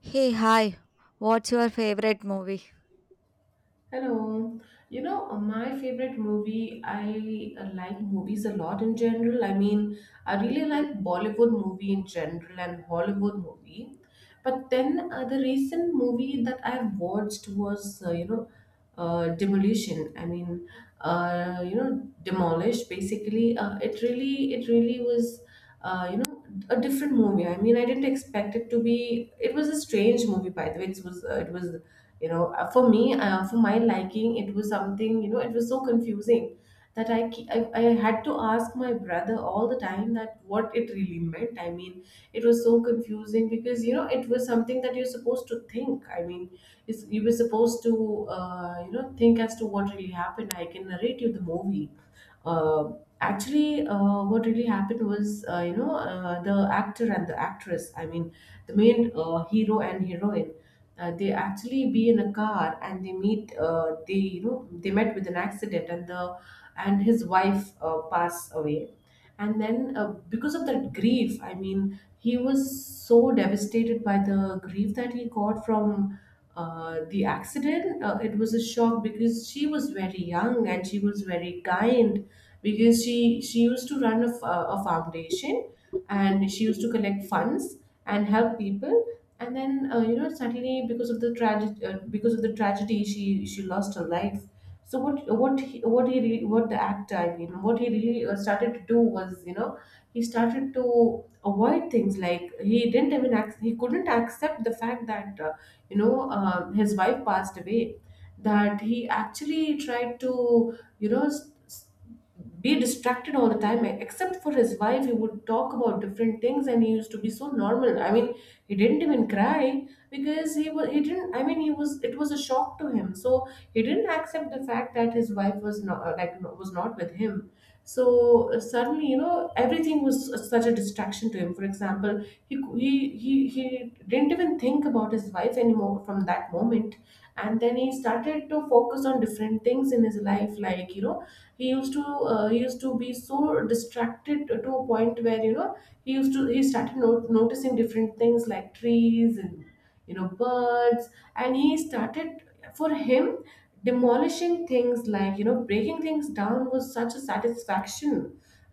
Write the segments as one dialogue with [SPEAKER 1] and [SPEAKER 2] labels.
[SPEAKER 1] Hey, hi. What's your favorite movie?
[SPEAKER 2] Hello. My favorite movie, I like movies a lot in general. I really like Bollywood movie in general and Hollywood movie. But then the recent movie that I've watched was, Demolition. Demolished. Basically, it really was, uh, you know, a different movie. I mean, I didn't expect it to be. It was a strange movie, by the way. It was you know for me For my liking, it was something, it was so confusing that I, ke- I had to ask my brother all the time that what it really meant. It was so confusing because it was something that you're supposed to think. You were supposed to think as to what really happened. I can narrate you the movie. uh, Actually, what really happened was, the actor and the actress, the main hero and heroine, they actually be in a car and they meet they you know they met with an accident, and the and his wife pass away. And then because of that grief, he was so devastated by the grief that he got from the accident. It was a shock because she was very young and she was very kind, because she used to run a foundation and she used to collect funds and help people. And then suddenly because of the tragedy, she lost her life. So what the actor, what he really started to do was, he started to avoid things. Like, he didn't even he couldn't accept the fact that, his wife passed away. That he actually tried to, be distracted all the time. Except for his wife, he would talk about different things, and he used to be so normal. He didn't even cry because he was he didn't I mean he was it was a shock to him. So he didn't accept the fact that his wife was not, was not with him. So suddenly, everything was such a distraction to him. For example, he didn't even think about his wife anymore from that moment, and then he started to focus on different things in his life. Like, he used to be so distracted to a point where, you know he used to he started noticing different things, like trees and, birds. And he started, for him, demolishing things, like breaking things down, was such a satisfaction.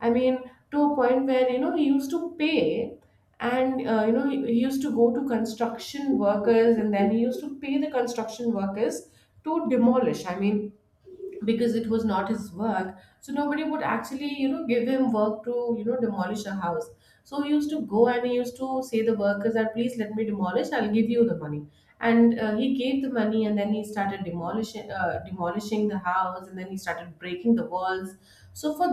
[SPEAKER 2] i mean to a point where, he used to pay, and he used to go to construction workers, and then he used to pay the construction workers to demolish. Because it was not his work, so nobody would actually, give him work to, demolish a house. So he used to go and he used to say the workers that, please let me demolish, I'll give you the money. And he gave the money, and then he started demolishing the house, and then he started breaking the walls. So for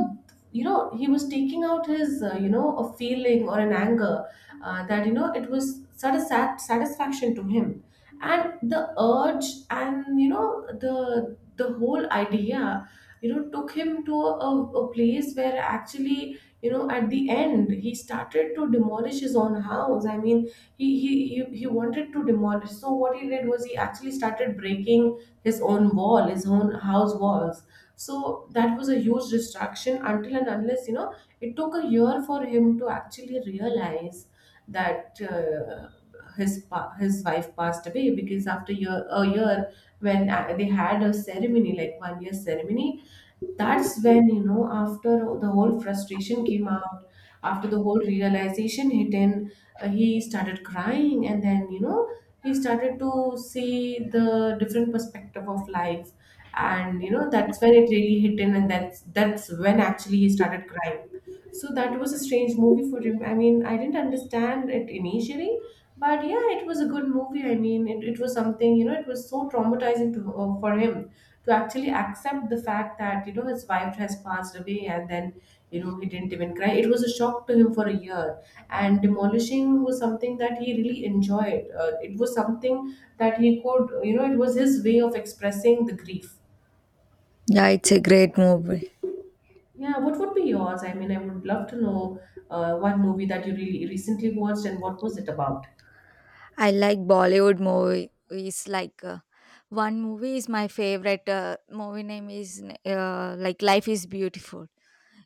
[SPEAKER 2] you know He was taking out his, a feeling or an anger, that, it was sort of satisfaction to him. And the urge, and, the whole idea, took him to a place where actually, at the end, he started to demolish his own house. He wanted to demolish. So what he did was, he actually started breaking his own wall, his own house walls. So that was a huge distraction, until and unless, it took a year for him to actually realize that his wife passed away. Because after year a year, when they had a ceremony, like one year ceremony, that's when, after the whole frustration came out, after the whole realization hit in, he started crying. And then, he started to see the different perspective of life. And, that's when it really hit in, and that's when actually he started crying. So that was a strange movie for him. I didn't understand it initially, but yeah, it was a good movie. I mean, it was something, you know, it was so traumatizing to, for him to actually accept the fact that, you know, his wife has passed away. And then, you know, he didn't even cry. It was a shock to him for a year. And demolishing was something that he really enjoyed. It was something that he could, you know, it was his way of expressing the grief.
[SPEAKER 1] Yeah, it's a great movie.
[SPEAKER 2] Yeah, what would be yours? I mean, I would love to know one movie that you really recently watched and what was it about.
[SPEAKER 1] I like Bollywood movies. One movie is my favorite. Movie name is like Life is Beautiful.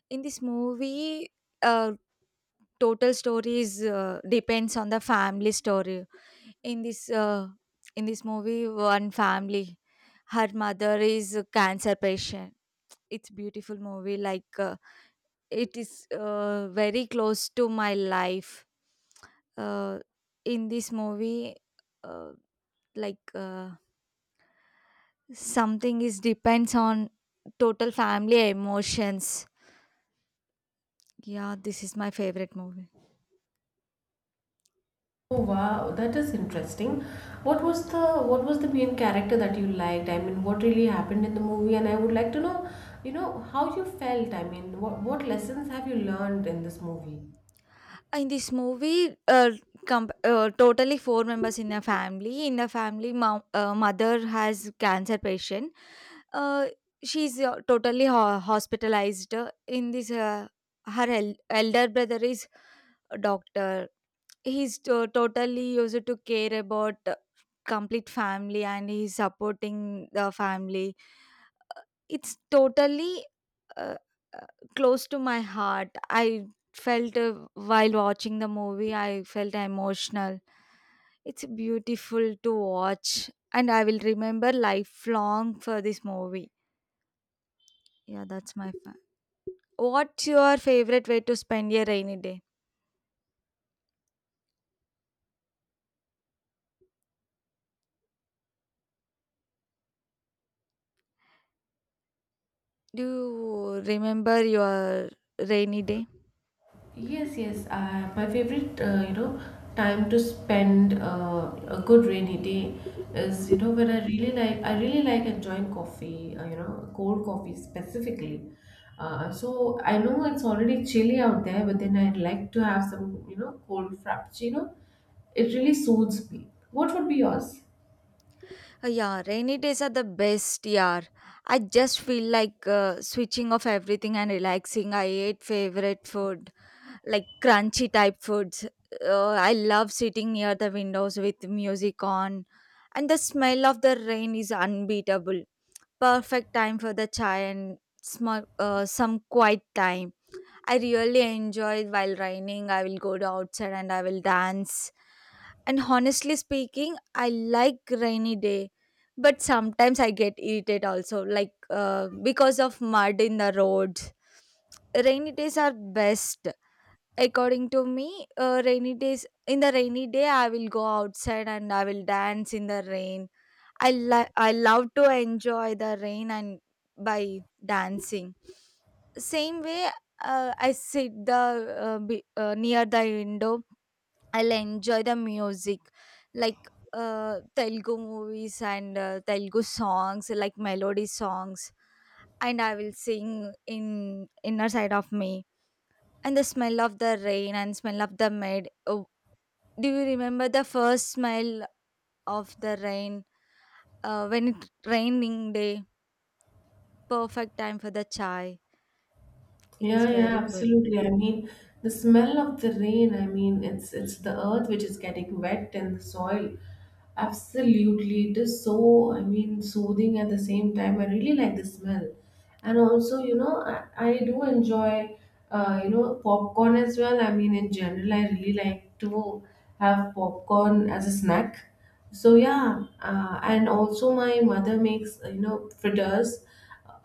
[SPEAKER 1] In this movie, uh, total story is depends on the family story. In this uh, in this movie, one family, her mother is a cancer patient. It's beautiful movie. It is very close to my life uh, in this movie uh, like uh, something is depends on total family emotions. Yeah, this is my favorite movie.
[SPEAKER 2] Oh wow, that is interesting. What was the what was the main character that you liked? I mean, what really happened in the movie? And I would like to know, you know, how you felt. I mean, what lessons have you learned in this movie?
[SPEAKER 1] In this movie, totally four members in a family. In a family, mom, mother has cancer patient. Uh, she's totally hospitalized. In this, her elder brother is a doctor. He's totally used to care about complete family, and he's supporting the family. It's totally uh, uh, close to my heart. I felt while watching the movie, I felt emotional. It's beautiful to watch, and I will remember lifelong for this movie. Yeah, that's my fan. What's your favorite way to spend your rainy day? Do you remember your rainy day?
[SPEAKER 2] Yes, yes. My favorite, you know, time to spend a good rainy day is, you know, when I really like enjoying coffee, you know, cold coffee specifically. So I know it's already chilly out there, but then I'd like to have some, you know, cold frappuccino. It really soothes me. What would be yours?
[SPEAKER 1] Yeah, rainy days are the best, yeah. I just feel like switching off everything and relaxing. I ate favorite food, like crunchy type foods. I love sitting near the windows with music on, and the smell of the rain is unbeatable. Perfect time for the chai and small, some quiet time. I really enjoy it while raining. I will go to outside and I will dance. And honestly speaking, I like rainy day, but sometimes I get irritated also, because of mud in the roads. Rainy days are best. According to me, rainy days, in the rainy day, I will go outside and I will dance in the rain. I love to enjoy the rain and by dancing. Same way, I sit the near the window. I'll enjoy the music, Telugu movies and Telugu songs, like melody songs, and I will sing in inner side of me, and the smell of the rain and smell of the mud. Oh, do you remember the first smell of the rain when it raining day? Perfect time for the chai. It's
[SPEAKER 2] Yeah, yeah,
[SPEAKER 1] very good.
[SPEAKER 2] absolutely. I mean, the smell of the rain, I mean, it's the earth which is getting wet, and the soil. Absolutely. It is so, I mean, soothing at the same time. I really like the smell. And also, you know, I do enjoy, you know, popcorn as well. I mean, in general, I really like to have popcorn as a snack. So yeah, and also my mother makes, you know, fritters,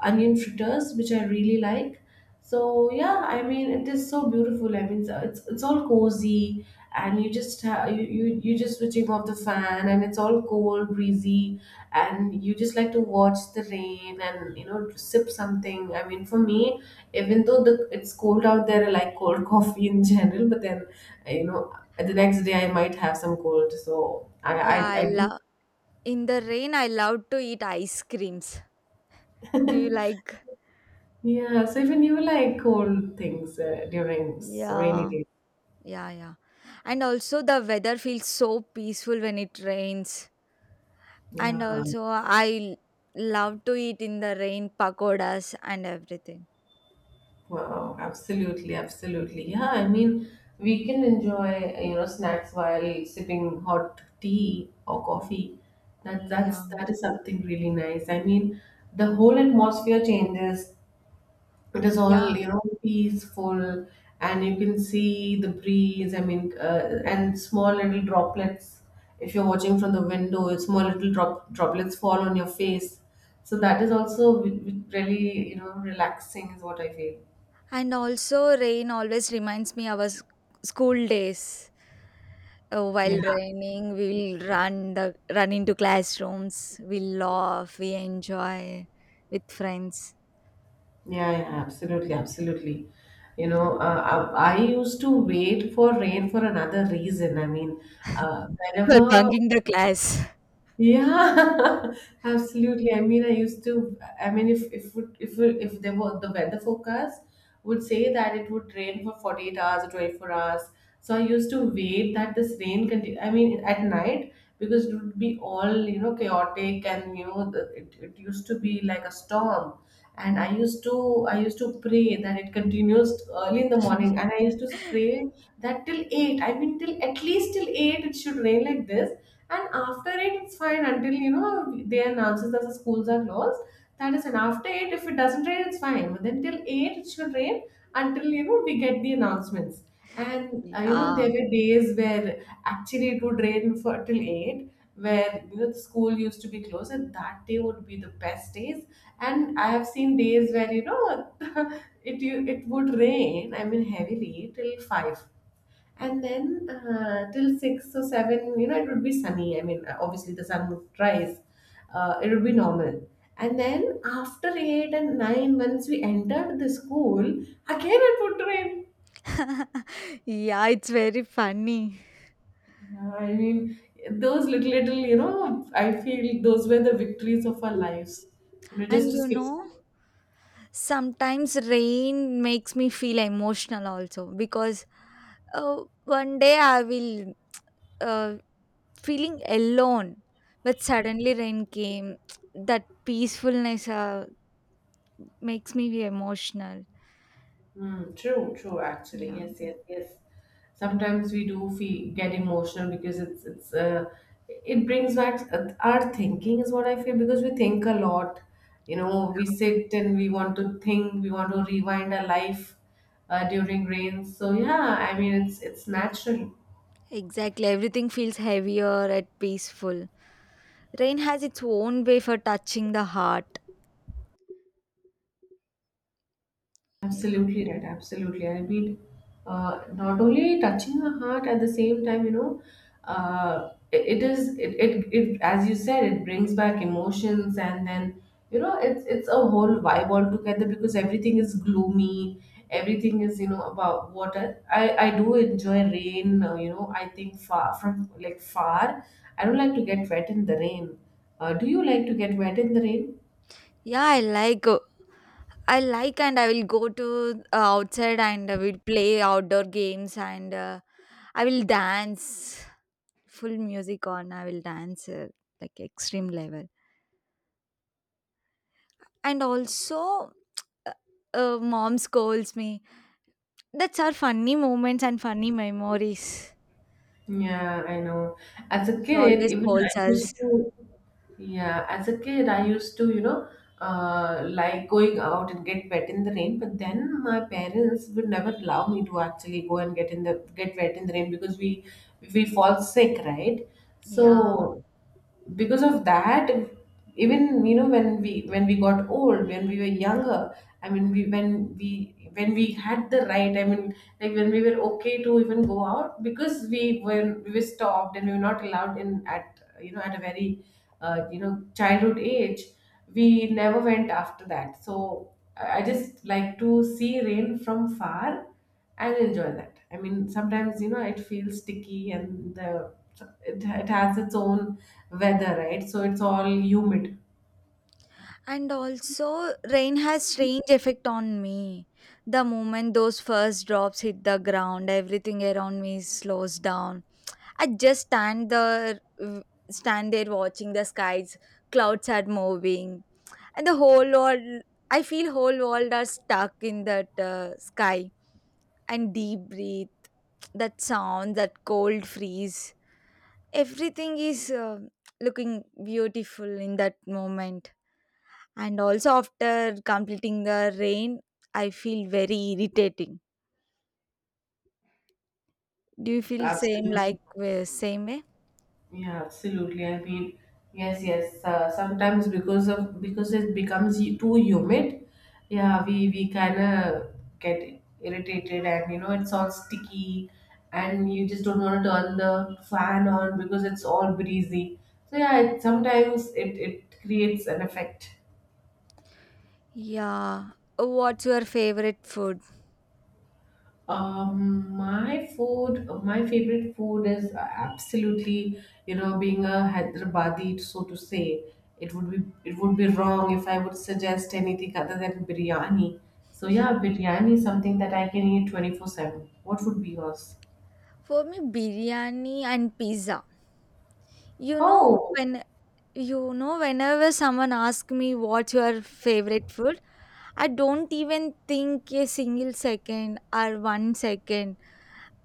[SPEAKER 2] onion fritters, which I really like. So yeah, I mean, it is so beautiful. I mean, it's all cozy, and you just ha- you just switching off the fan, and it's all cold, breezy, and you just like to watch the rain, and you know, sip something. I mean, for me, even though the it's cold out there, I like cold coffee in general. But then, you know, the next day I might have some cold, so I
[SPEAKER 1] Yeah,
[SPEAKER 2] I,
[SPEAKER 1] I
[SPEAKER 2] I do.
[SPEAKER 1] love in the rain. I love to eat ice creams. Do you like?
[SPEAKER 2] Yeah, so even you like cold things during rainy
[SPEAKER 1] Yeah,
[SPEAKER 2] days.
[SPEAKER 1] yeah, yeah. And also the weather feels so peaceful when it rains. And
[SPEAKER 2] Yeah.
[SPEAKER 1] also I love to eat in the rain pakodas and everything.
[SPEAKER 2] Wow, absolutely, absolutely. Yeah, I mean, we can enjoy, you know, snacks while sipping hot tea or coffee. That that's
[SPEAKER 1] Yeah,
[SPEAKER 2] that is something really nice. I mean, the whole atmosphere changes. It is
[SPEAKER 1] yeah.
[SPEAKER 2] all, you know, peaceful, and you can see the breeze. I mean, and small little droplets. If you're watching from the window, small little droplets fall on your face. So that is also really, you know, relaxing is what I feel.
[SPEAKER 1] And also rain always reminds me our school days. Oh,
[SPEAKER 2] Yeah.
[SPEAKER 1] while raining, we'll run into classrooms. We laugh, we enjoy with friends.
[SPEAKER 2] Yeah, yeah, absolutely, absolutely. You
[SPEAKER 1] Mm.
[SPEAKER 2] know, I used to wait for rain for another reason. I mean,
[SPEAKER 1] For
[SPEAKER 2] whenever,
[SPEAKER 1] bunking the class.
[SPEAKER 2] yeah, absolutely. I mean, I used to. I mean, if there were the weather forecast would say that it would rain for 48 hours or 24 hours, so I used to wait that this rain continue. I mean, at night, because it would be all, you know, chaotic, and you know it used to be like a storm. And I used to pray that it continues early in the morning. And I used to pray that till 8. I mean, till at least till 8, it should rain like this. And after it, it's fine, until you know, they announces that the schools are closed. That is, and after 8, if it doesn't rain, it's fine, but then till 8, it should rain, until you know, we get the announcements. And there
[SPEAKER 1] Yeah.
[SPEAKER 2] were days where actually it would rain for till 8, where you know, the school used to be closed, and that day would be the best days. And I have seen days where, you know, it would rain. I mean, heavily till 5, and then till 6 or 7. You know, it would be sunny. I mean, obviously the sun would rise. It would be normal. And then after eight and nine, once we entered the school, again it would rain.
[SPEAKER 1] Yeah, it's very funny.
[SPEAKER 2] Yeah, I mean those little little I feel those were the victories of our lives. You know, just
[SPEAKER 1] And
[SPEAKER 2] to
[SPEAKER 1] you
[SPEAKER 2] skip
[SPEAKER 1] know,
[SPEAKER 2] school.
[SPEAKER 1] sometimes rain makes me feel emotional also because one day I will uh, feeling alone, but suddenly rain came that peacefulness makes me be emotional.
[SPEAKER 2] Mm, true, true, actually.
[SPEAKER 1] Yeah,
[SPEAKER 2] Yes, yes, yes. Sometimes we do feel get emotional because it's it brings back our thinking is what I feel because we think a lot. You know, we sit and we want to think, we want to rewind our life during rains. So yeah, I mean it's natural.
[SPEAKER 1] exactly, everything feels heavier and peaceful. Rain has its own way for touching the heart. Yeah,
[SPEAKER 2] Absolutely right. Absolutely. I mean, not only touching the heart at the same time, you know, it as you said, it brings back emotions, and then you know, it's a whole vibe altogether because everything is gloomy. Everything is you know about what I do enjoy rain. You know, I think far from like far. I don't like to get wet in the rain. Do you like to get wet in the rain?
[SPEAKER 1] yeah, I like I like, and I will go to outside and I will play outdoor games and I will dance, full music on. I will dance like extreme level. And also, uh, mom scolds me. That's our funny moments and funny memories.
[SPEAKER 2] Yeah, I know. As a
[SPEAKER 1] She
[SPEAKER 2] kid,
[SPEAKER 1] always
[SPEAKER 2] even
[SPEAKER 1] calls
[SPEAKER 2] I
[SPEAKER 1] us.
[SPEAKER 2] used to, yeah, as a kid, I used to, you know, like going out and get wet in the rain. But then my parents would never allow me to actually go and get wet in the rain because we fall sick, right?
[SPEAKER 1] Yeah.
[SPEAKER 2] So because of that, even you know when we got old when we were younger. I mean, we when we when we had the right, I mean, like when we were okay to even go out, because we were stopped and we were not allowed in at, you know, at a very you know childhood age, we never went after that. So i I just like to see rain from far and enjoy that. I mean sometimes you know it feels sticky and the it has its own weather, right? So it's all humid.
[SPEAKER 1] And also, rain has strange effect on me. The moment those first drops hit the ground, everything around me slows down. I just stand there, w- Stand there watching the skies. Clouds are moving, and the whole world. I feel whole world are stuck in that sky, and deep breathe, that sound, that cold freeze, everything is looking beautiful in that moment. And also after completing the rain, I feel very irritating. Do you feel same
[SPEAKER 2] Absolutely.
[SPEAKER 1] like same way?
[SPEAKER 2] Yeah, absolutely. I mean, yes, yes. Sometimes because of, because it becomes too humid, yeah, we kind of get irritated, and you know it's all sticky, and you just don't want to turn the fan on because it's all breezy. So yeah, it, sometimes it it creates an effect.
[SPEAKER 1] Yeah. What's your favorite food?
[SPEAKER 2] My food, my favorite food is absolutely, you know, being a Hyderabadi, so to say, it would be it would be wrong if I would suggest anything other than biryani. So yeah, biryani is something that I can eat 24/7. What would be yours?
[SPEAKER 1] For me, biryani and pizza. You know,
[SPEAKER 2] Oh.
[SPEAKER 1] when, you know, whenever someone asks me what's your favorite food, I don't even think a single second or one second.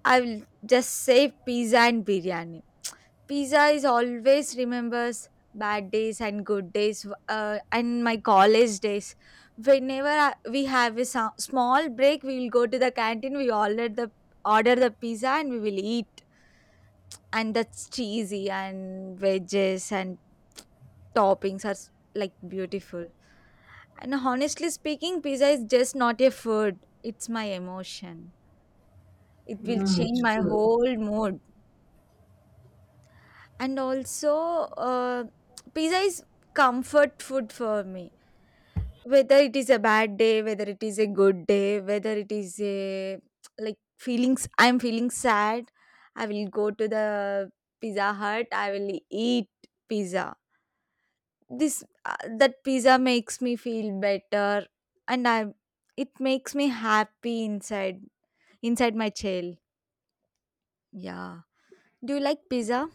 [SPEAKER 1] I will just say pizza and biryani. Pizza is always remembers bad days and good days and my college days. We have a small break, we will go to the canteen. We order the pizza and we will eat. And that's cheesy and veggies, and toppings are like beautiful. And honestly speaking, pizza is just not a food, it's my emotion. It will
[SPEAKER 2] Mm.
[SPEAKER 1] change my whole mood. And also, uh, pizza is comfort food for me. Whether it is a bad day, whether it is a good day, whether it is a like feelings, I'm feeling sad, I will go to the Pizza Hut, I will eat pizza. This that pizza makes me feel better, and I it makes me happy inside, inside my shell. Yeah, do you like pizza?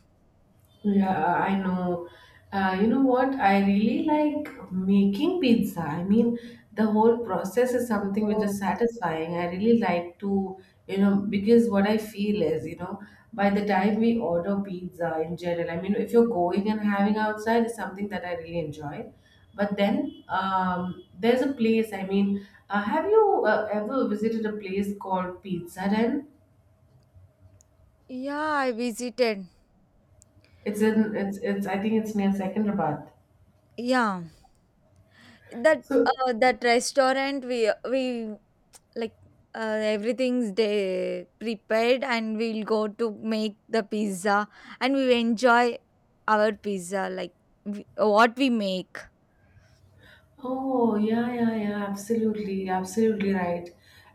[SPEAKER 2] Yeah, I know. You know what? I really like making pizza. I mean, the whole process is something which
[SPEAKER 1] Oh,
[SPEAKER 2] is satisfying. I really like to, you know, because what I feel is, you know, by the time we order pizza in general, I mean, if you're going and having outside is something that I really enjoy. But then there's a place, I mean, have you ever visited a place called Pizza Den?
[SPEAKER 1] yeah, I visited.
[SPEAKER 2] It's, I think it's near Secunderabad.
[SPEAKER 1] Yeah,
[SPEAKER 2] So
[SPEAKER 1] that restaurant, we like everything's day prepared and we'll go to make the pizza, and we enjoy our pizza like what we make.
[SPEAKER 2] oh, yeah, yeah, yeah, absolutely, absolutely right.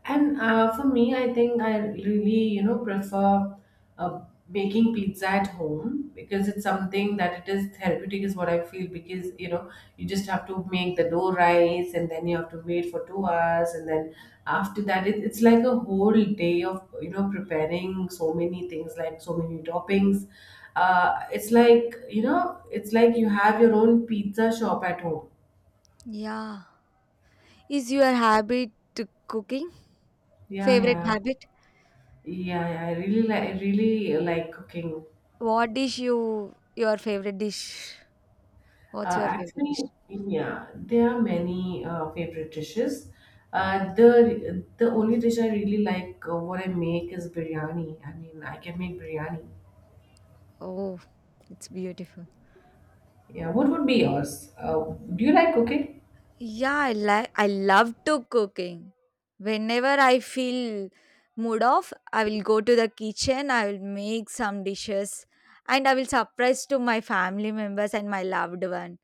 [SPEAKER 2] And for me, I think I really, you know, prefer uh, making pizza at home because it's something that it is therapeutic, is what I feel. Because, you know, you just have to make the dough rise and then you have to wait for 2 hours. And then after that, it, it's like a whole day of, you know, preparing so many things, like so many toppings. It's like, you know, it's like you have your own pizza shop at home.
[SPEAKER 1] Yeah, is your habit to cooking?
[SPEAKER 2] Yeah,
[SPEAKER 1] Favorite
[SPEAKER 2] yeah,
[SPEAKER 1] habit?
[SPEAKER 2] yeah, yeah. I really like cooking.
[SPEAKER 1] What dish you your favorite dish? What's your favorite
[SPEAKER 2] Actually,
[SPEAKER 1] dish?
[SPEAKER 2] yeah, there are many favorite dishes. The only dish I really like, what I make, is biryani. I mean, I can make biryani.
[SPEAKER 1] Oh, it's beautiful.
[SPEAKER 2] Yeah, what would be yours? Do you like cooking?
[SPEAKER 1] Yeah, I like, I love to cooking. Whenever I feel mood off, I will go to the kitchen, I will make some dishes and I will surprise to my family members and my loved one.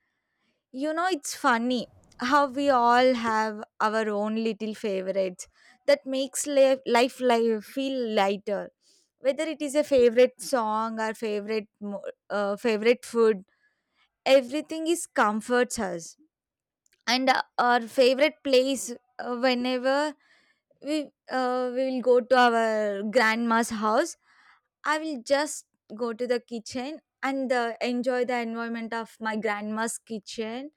[SPEAKER 1] You know, it's funny how we all have our own little favorites that makes life feel lighter. Whether it is a favorite song or favorite food, everything is comforts us. And our favorite place, whenever we will go to our grandma's house, I will just go to the kitchen and enjoy the environment of my grandma's kitchen,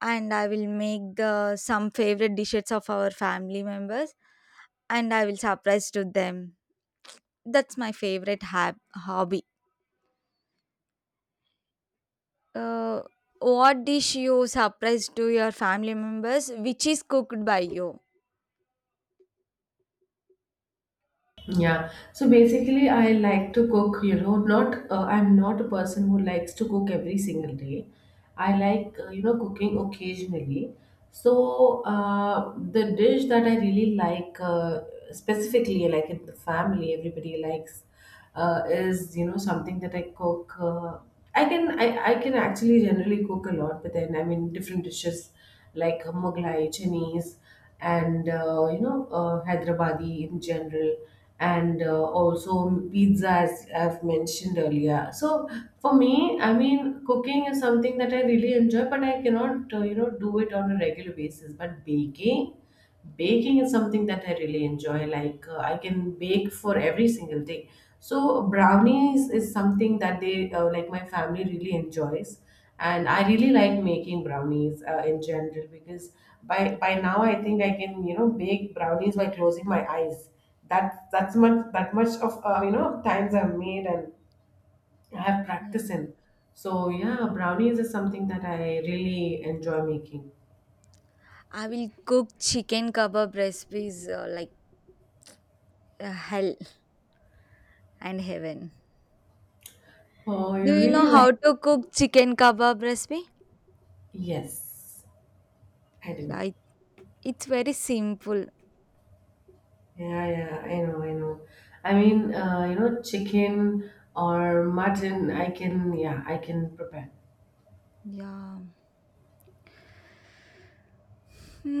[SPEAKER 1] and I will make the some favorite dishes of our family members, and I will surprise to them. That's my favorite hobby. Uh, what dish you surprise to your family members which is cooked by you?
[SPEAKER 2] Yeah. So basically, I like to cook, you know, not, I'm not a person who likes to cook every single day. I like, you know, cooking occasionally. So the dish that I really like, specifically, like in the family, everybody likes, is you know something that I cook. I can actually generally cook a lot, but then I mean different dishes like Mughlai, Chinese, and you know Hyderabadi in general, and also pizza, as I've mentioned earlier. So for me, I mean cooking is something that I really enjoy, but I cannot you know do it on a regular basis. But baking is something that I really enjoy. Like I can bake for every single day. So brownies is something that they like my family really enjoys, and I really like making brownies in general because by now I think I can you know bake brownies by closing my eyes. That much of you know times I've made, and I have
[SPEAKER 1] Yeah.
[SPEAKER 2] practice in. So yeah, brownies is something that I really enjoy making.
[SPEAKER 1] I will cook chicken kebab recipes like hell and heaven.
[SPEAKER 2] Oh,
[SPEAKER 1] Do
[SPEAKER 2] you
[SPEAKER 1] you
[SPEAKER 2] really
[SPEAKER 1] know how
[SPEAKER 2] like.
[SPEAKER 1] to cook chicken kebab recipe?
[SPEAKER 2] Yes. I do.
[SPEAKER 1] Yeah, it's very simple.
[SPEAKER 2] Yeah, yeah, I know. I mean, you know, chicken or mutton, I can, yeah, I can prepare.
[SPEAKER 1] Yeah.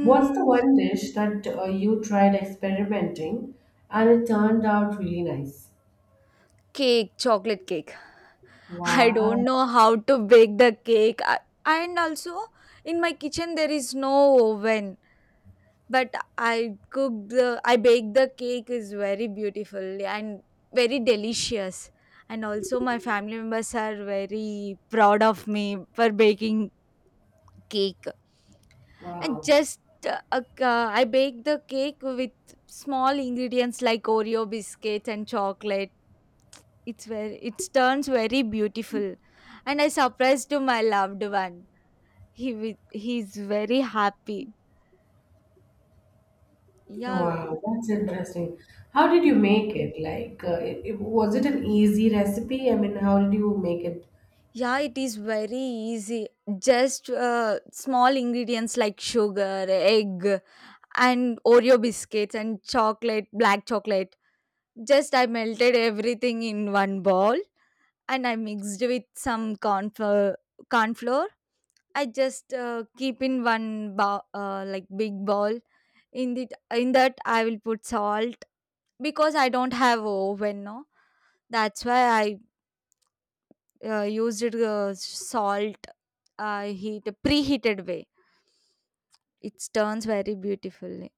[SPEAKER 2] What's the one dish that you tried experimenting and it turned out really nice?
[SPEAKER 1] Cake, chocolate cake. I don't
[SPEAKER 2] Wow.
[SPEAKER 1] know how to bake the cake. And also, in my kitchen, there is no oven. But I cook the, I bake the cake is very beautiful and very delicious. And also, my family members are very proud of me for baking cake. And
[SPEAKER 2] wow,
[SPEAKER 1] just I bake the cake with small ingredients like Oreo biscuits and chocolate. It's very, it turns very beautiful, and I surprised to my loved one. He's very happy. Yeah,
[SPEAKER 2] wow, that's
[SPEAKER 1] o-
[SPEAKER 2] interesting. How did you
[SPEAKER 1] yeah,
[SPEAKER 2] make it? Like, was it an easy recipe? I mean, how did you make it?
[SPEAKER 1] yeah. It is very easy. Just small ingredients like sugar, egg, and Oreo biscuits and chocolate, black chocolate. Just I melted everything in one bowl and I mixed with some corn flour. Corn flour. I just keep in one bowl, like big bowl. In that I will put salt because I don't have oven. No, that's why I used it, salt heat preheated way. It turns very beautifully.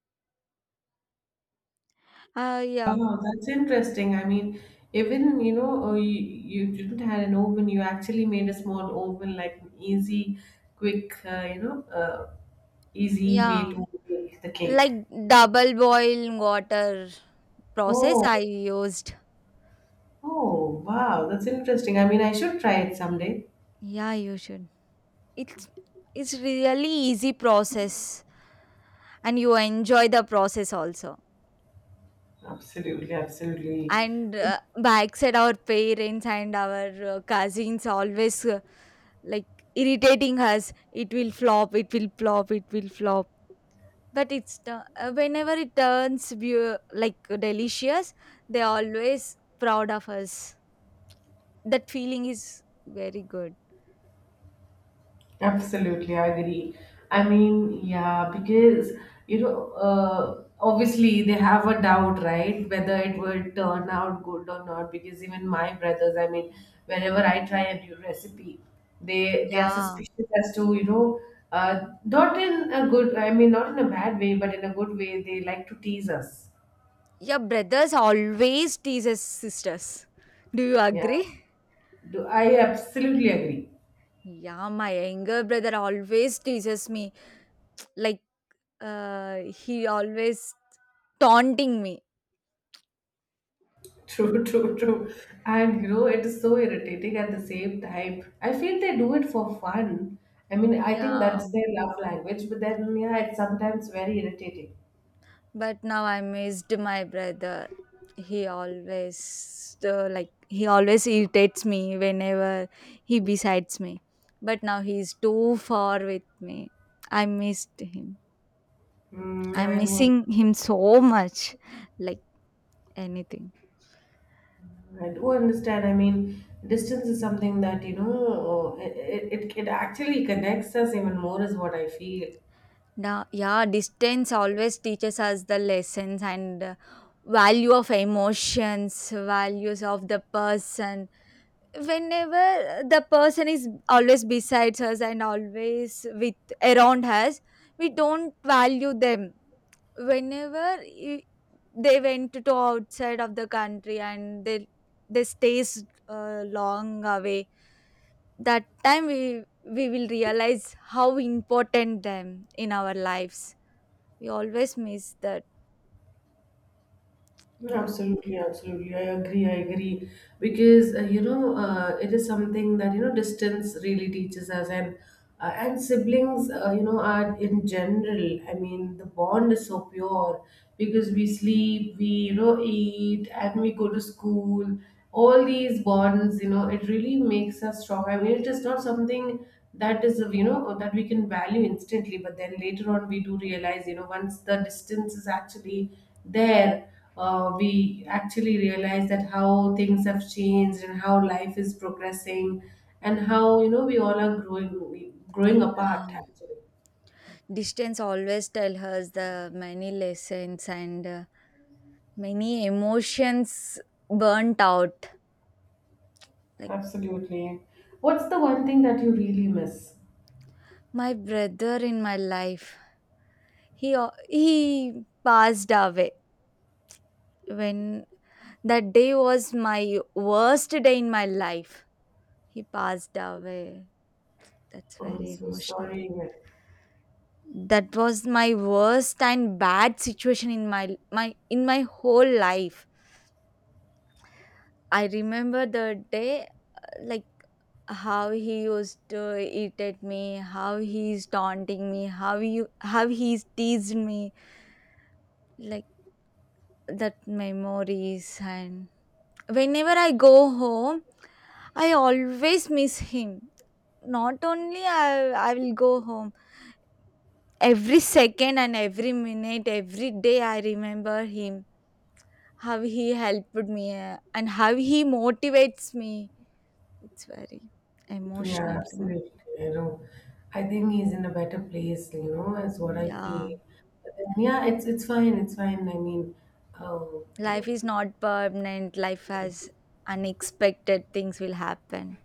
[SPEAKER 1] Yeah,
[SPEAKER 2] Wow, that's interesting. I mean, even you know, you didn't had an oven. You actually made a small oven, like an easy, quick, you know, easy way
[SPEAKER 1] yeah,
[SPEAKER 2] to make the cake.
[SPEAKER 1] like double boil water process
[SPEAKER 2] Oh,
[SPEAKER 1] I used.
[SPEAKER 2] oh, wow, that's interesting. I mean, I should try it someday.
[SPEAKER 1] Yeah, you should. It's it's really easy process, and you enjoy the process also.
[SPEAKER 2] Absolutely, absolutely.
[SPEAKER 1] And backside, our parents and our cousins always like irritating us. It will flop. It will flop. It will flop, but whenever it turns like delicious, they're always proud of us. That feeling is very good.
[SPEAKER 2] Absolutely, I agree. I mean, yeah, because you know, obviously they have a doubt, right? Whether it will turn out good or not. Because even my brothers, I mean, whenever I try a new recipe, they are
[SPEAKER 1] Yeah.
[SPEAKER 2] suspicious as to you know, not in a good, I mean, not in a bad way, but in a good way. They like to tease us.
[SPEAKER 1] Yeah, brothers always teases sisters, do you
[SPEAKER 2] Yeah,
[SPEAKER 1] agree?
[SPEAKER 2] do I absolutely agree.
[SPEAKER 1] Yeah, my younger brother always teases me, like uh, he always taunting me.
[SPEAKER 2] True, true, true. And you know, it is so irritating at the same time. I feel they do it for fun. I mean, I think
[SPEAKER 1] Yeah,
[SPEAKER 2] that's their love language, but then, yeah, it's sometimes very irritating.
[SPEAKER 1] but now I missed my brother. He always like he always irritates me whenever he besides me, but now he's too far with me. I missed him.
[SPEAKER 2] Mm,
[SPEAKER 1] I'm missing him so much, like anything.
[SPEAKER 2] I do understand. I mean, distance is something that, you know, it actually connects us even more, is what I feel.
[SPEAKER 1] Now, yeah, distance always teaches us the lessons and value of emotions, values of the person. Whenever the person is always besides us and always with around us, we don't value them. whenever i- they went to outside of the country and they stays long away, that time we will realize how important them in our lives. We always miss that.
[SPEAKER 2] No.
[SPEAKER 1] Yeah,
[SPEAKER 2] Absolutely, absolutely. I agree. I agree, because you know, it is something that you know distance really teaches us, and siblings, you know, are in general. I mean, the bond is so pure because we sleep, we you know eat, and we go to school. All these bonds, you know, it really makes us strong. I mean, it is not something that is you know that we can value instantly, but then later on we do realize, you know, once the distance is actually there, we actually realize that how things have changed and how life is progressing, and how you know we all are growing
[SPEAKER 1] yeah.
[SPEAKER 2] apart actually.
[SPEAKER 1] Distance always tell us the many lessons and many emotions, burnt out, like.
[SPEAKER 2] Absolutely. What's the one thing that you really miss?
[SPEAKER 1] My brother in my life, he he passed away. When that day was my worst day in my life, he passed away. That's
[SPEAKER 2] Oh, I'm
[SPEAKER 1] very
[SPEAKER 2] so
[SPEAKER 1] emotional.
[SPEAKER 2] sorry.
[SPEAKER 1] That was my worst and bad situation in my whole life. I remember the day like how he used to eat at me, how he's taunting me, how he's teased me, like that memories. And whenever I go home, I always miss him. Not only I will go home every second and every minute, every day I remember him, how he helped me and how he motivates me. It's very
[SPEAKER 2] Yeah,
[SPEAKER 1] emotional to
[SPEAKER 2] absolutely, you know, I think he's in a better place, you know, is what
[SPEAKER 1] me.
[SPEAKER 2] I
[SPEAKER 1] Yeah.
[SPEAKER 2] feel. But then, yeah, it's fine, it's fine, I mean, oh, you
[SPEAKER 1] Life
[SPEAKER 2] know.
[SPEAKER 1] is not permanent, life has unexpected things will happen.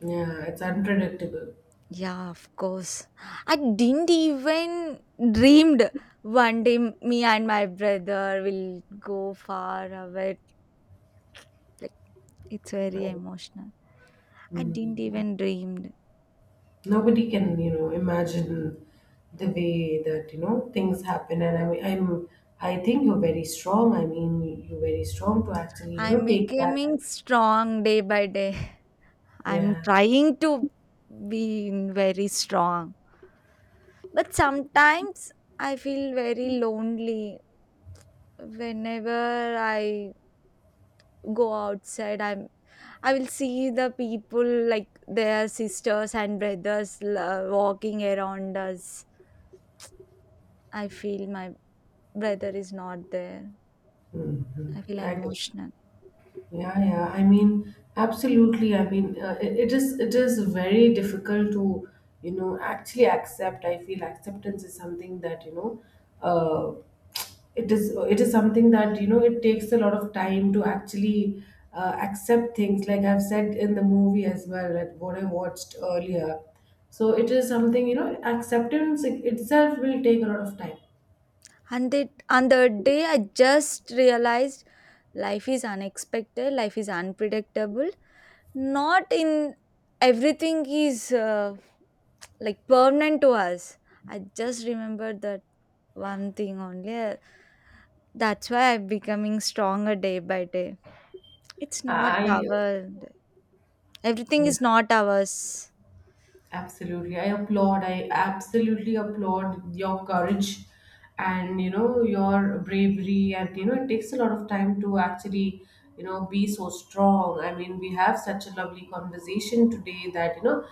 [SPEAKER 2] Yeah, it's unpredictable.
[SPEAKER 1] Yeah, of course. I didn't even dreamed one day me and my brother will go far away, like, it's
[SPEAKER 2] I,
[SPEAKER 1] very emotional. I didn't
[SPEAKER 2] mm.
[SPEAKER 1] even dreamed.
[SPEAKER 2] Nobody can you know imagine the way that you know things happen, and I mean, I think you're very strong. I mean, you're very strong to actually you know
[SPEAKER 1] I'm
[SPEAKER 2] take that
[SPEAKER 1] becoming
[SPEAKER 2] and
[SPEAKER 1] strong day by day. I'm
[SPEAKER 2] yeah.
[SPEAKER 1] trying to be very strong, but sometimes I feel very lonely whenever I go outside. I will see the people like their sisters and brothers walking around us. I feel my brother is not there.
[SPEAKER 2] Hmm.
[SPEAKER 1] I feel
[SPEAKER 2] I agree.
[SPEAKER 1] emotional.
[SPEAKER 2] Yeah, yeah. I mean, absolutely. I mean, it is very difficult to, you know, actually accept. I feel acceptance is something that, you know, uh, it is something that, you know, it takes a lot of time to actually accept things. Like I've said in the movie as well, like what I watched earlier. So it is
[SPEAKER 1] Yeah.
[SPEAKER 2] something, you know, acceptance itself will take a lot of time.
[SPEAKER 1] And that on the day I just realized life is unexpected, life is unpredictable. Not in Everything is like permanent to us. I just remember that one thing only, that's why I'm becoming stronger day by day. It's not
[SPEAKER 2] I.
[SPEAKER 1] our. Everything is
[SPEAKER 2] Yeah.
[SPEAKER 1] not ours.
[SPEAKER 2] Absolutely. I applaud. I absolutely applaud your courage, and you know your bravery, and you know it takes a lot of time to actually you know be so strong. I mean, we have such a lovely conversation today that you know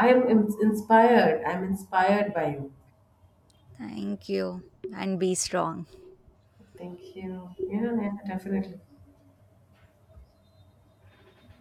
[SPEAKER 2] I am inspired. I'm inspired by you.
[SPEAKER 1] Thank you, and be strong.
[SPEAKER 2] Thank you. Yeah, yeah, definitely.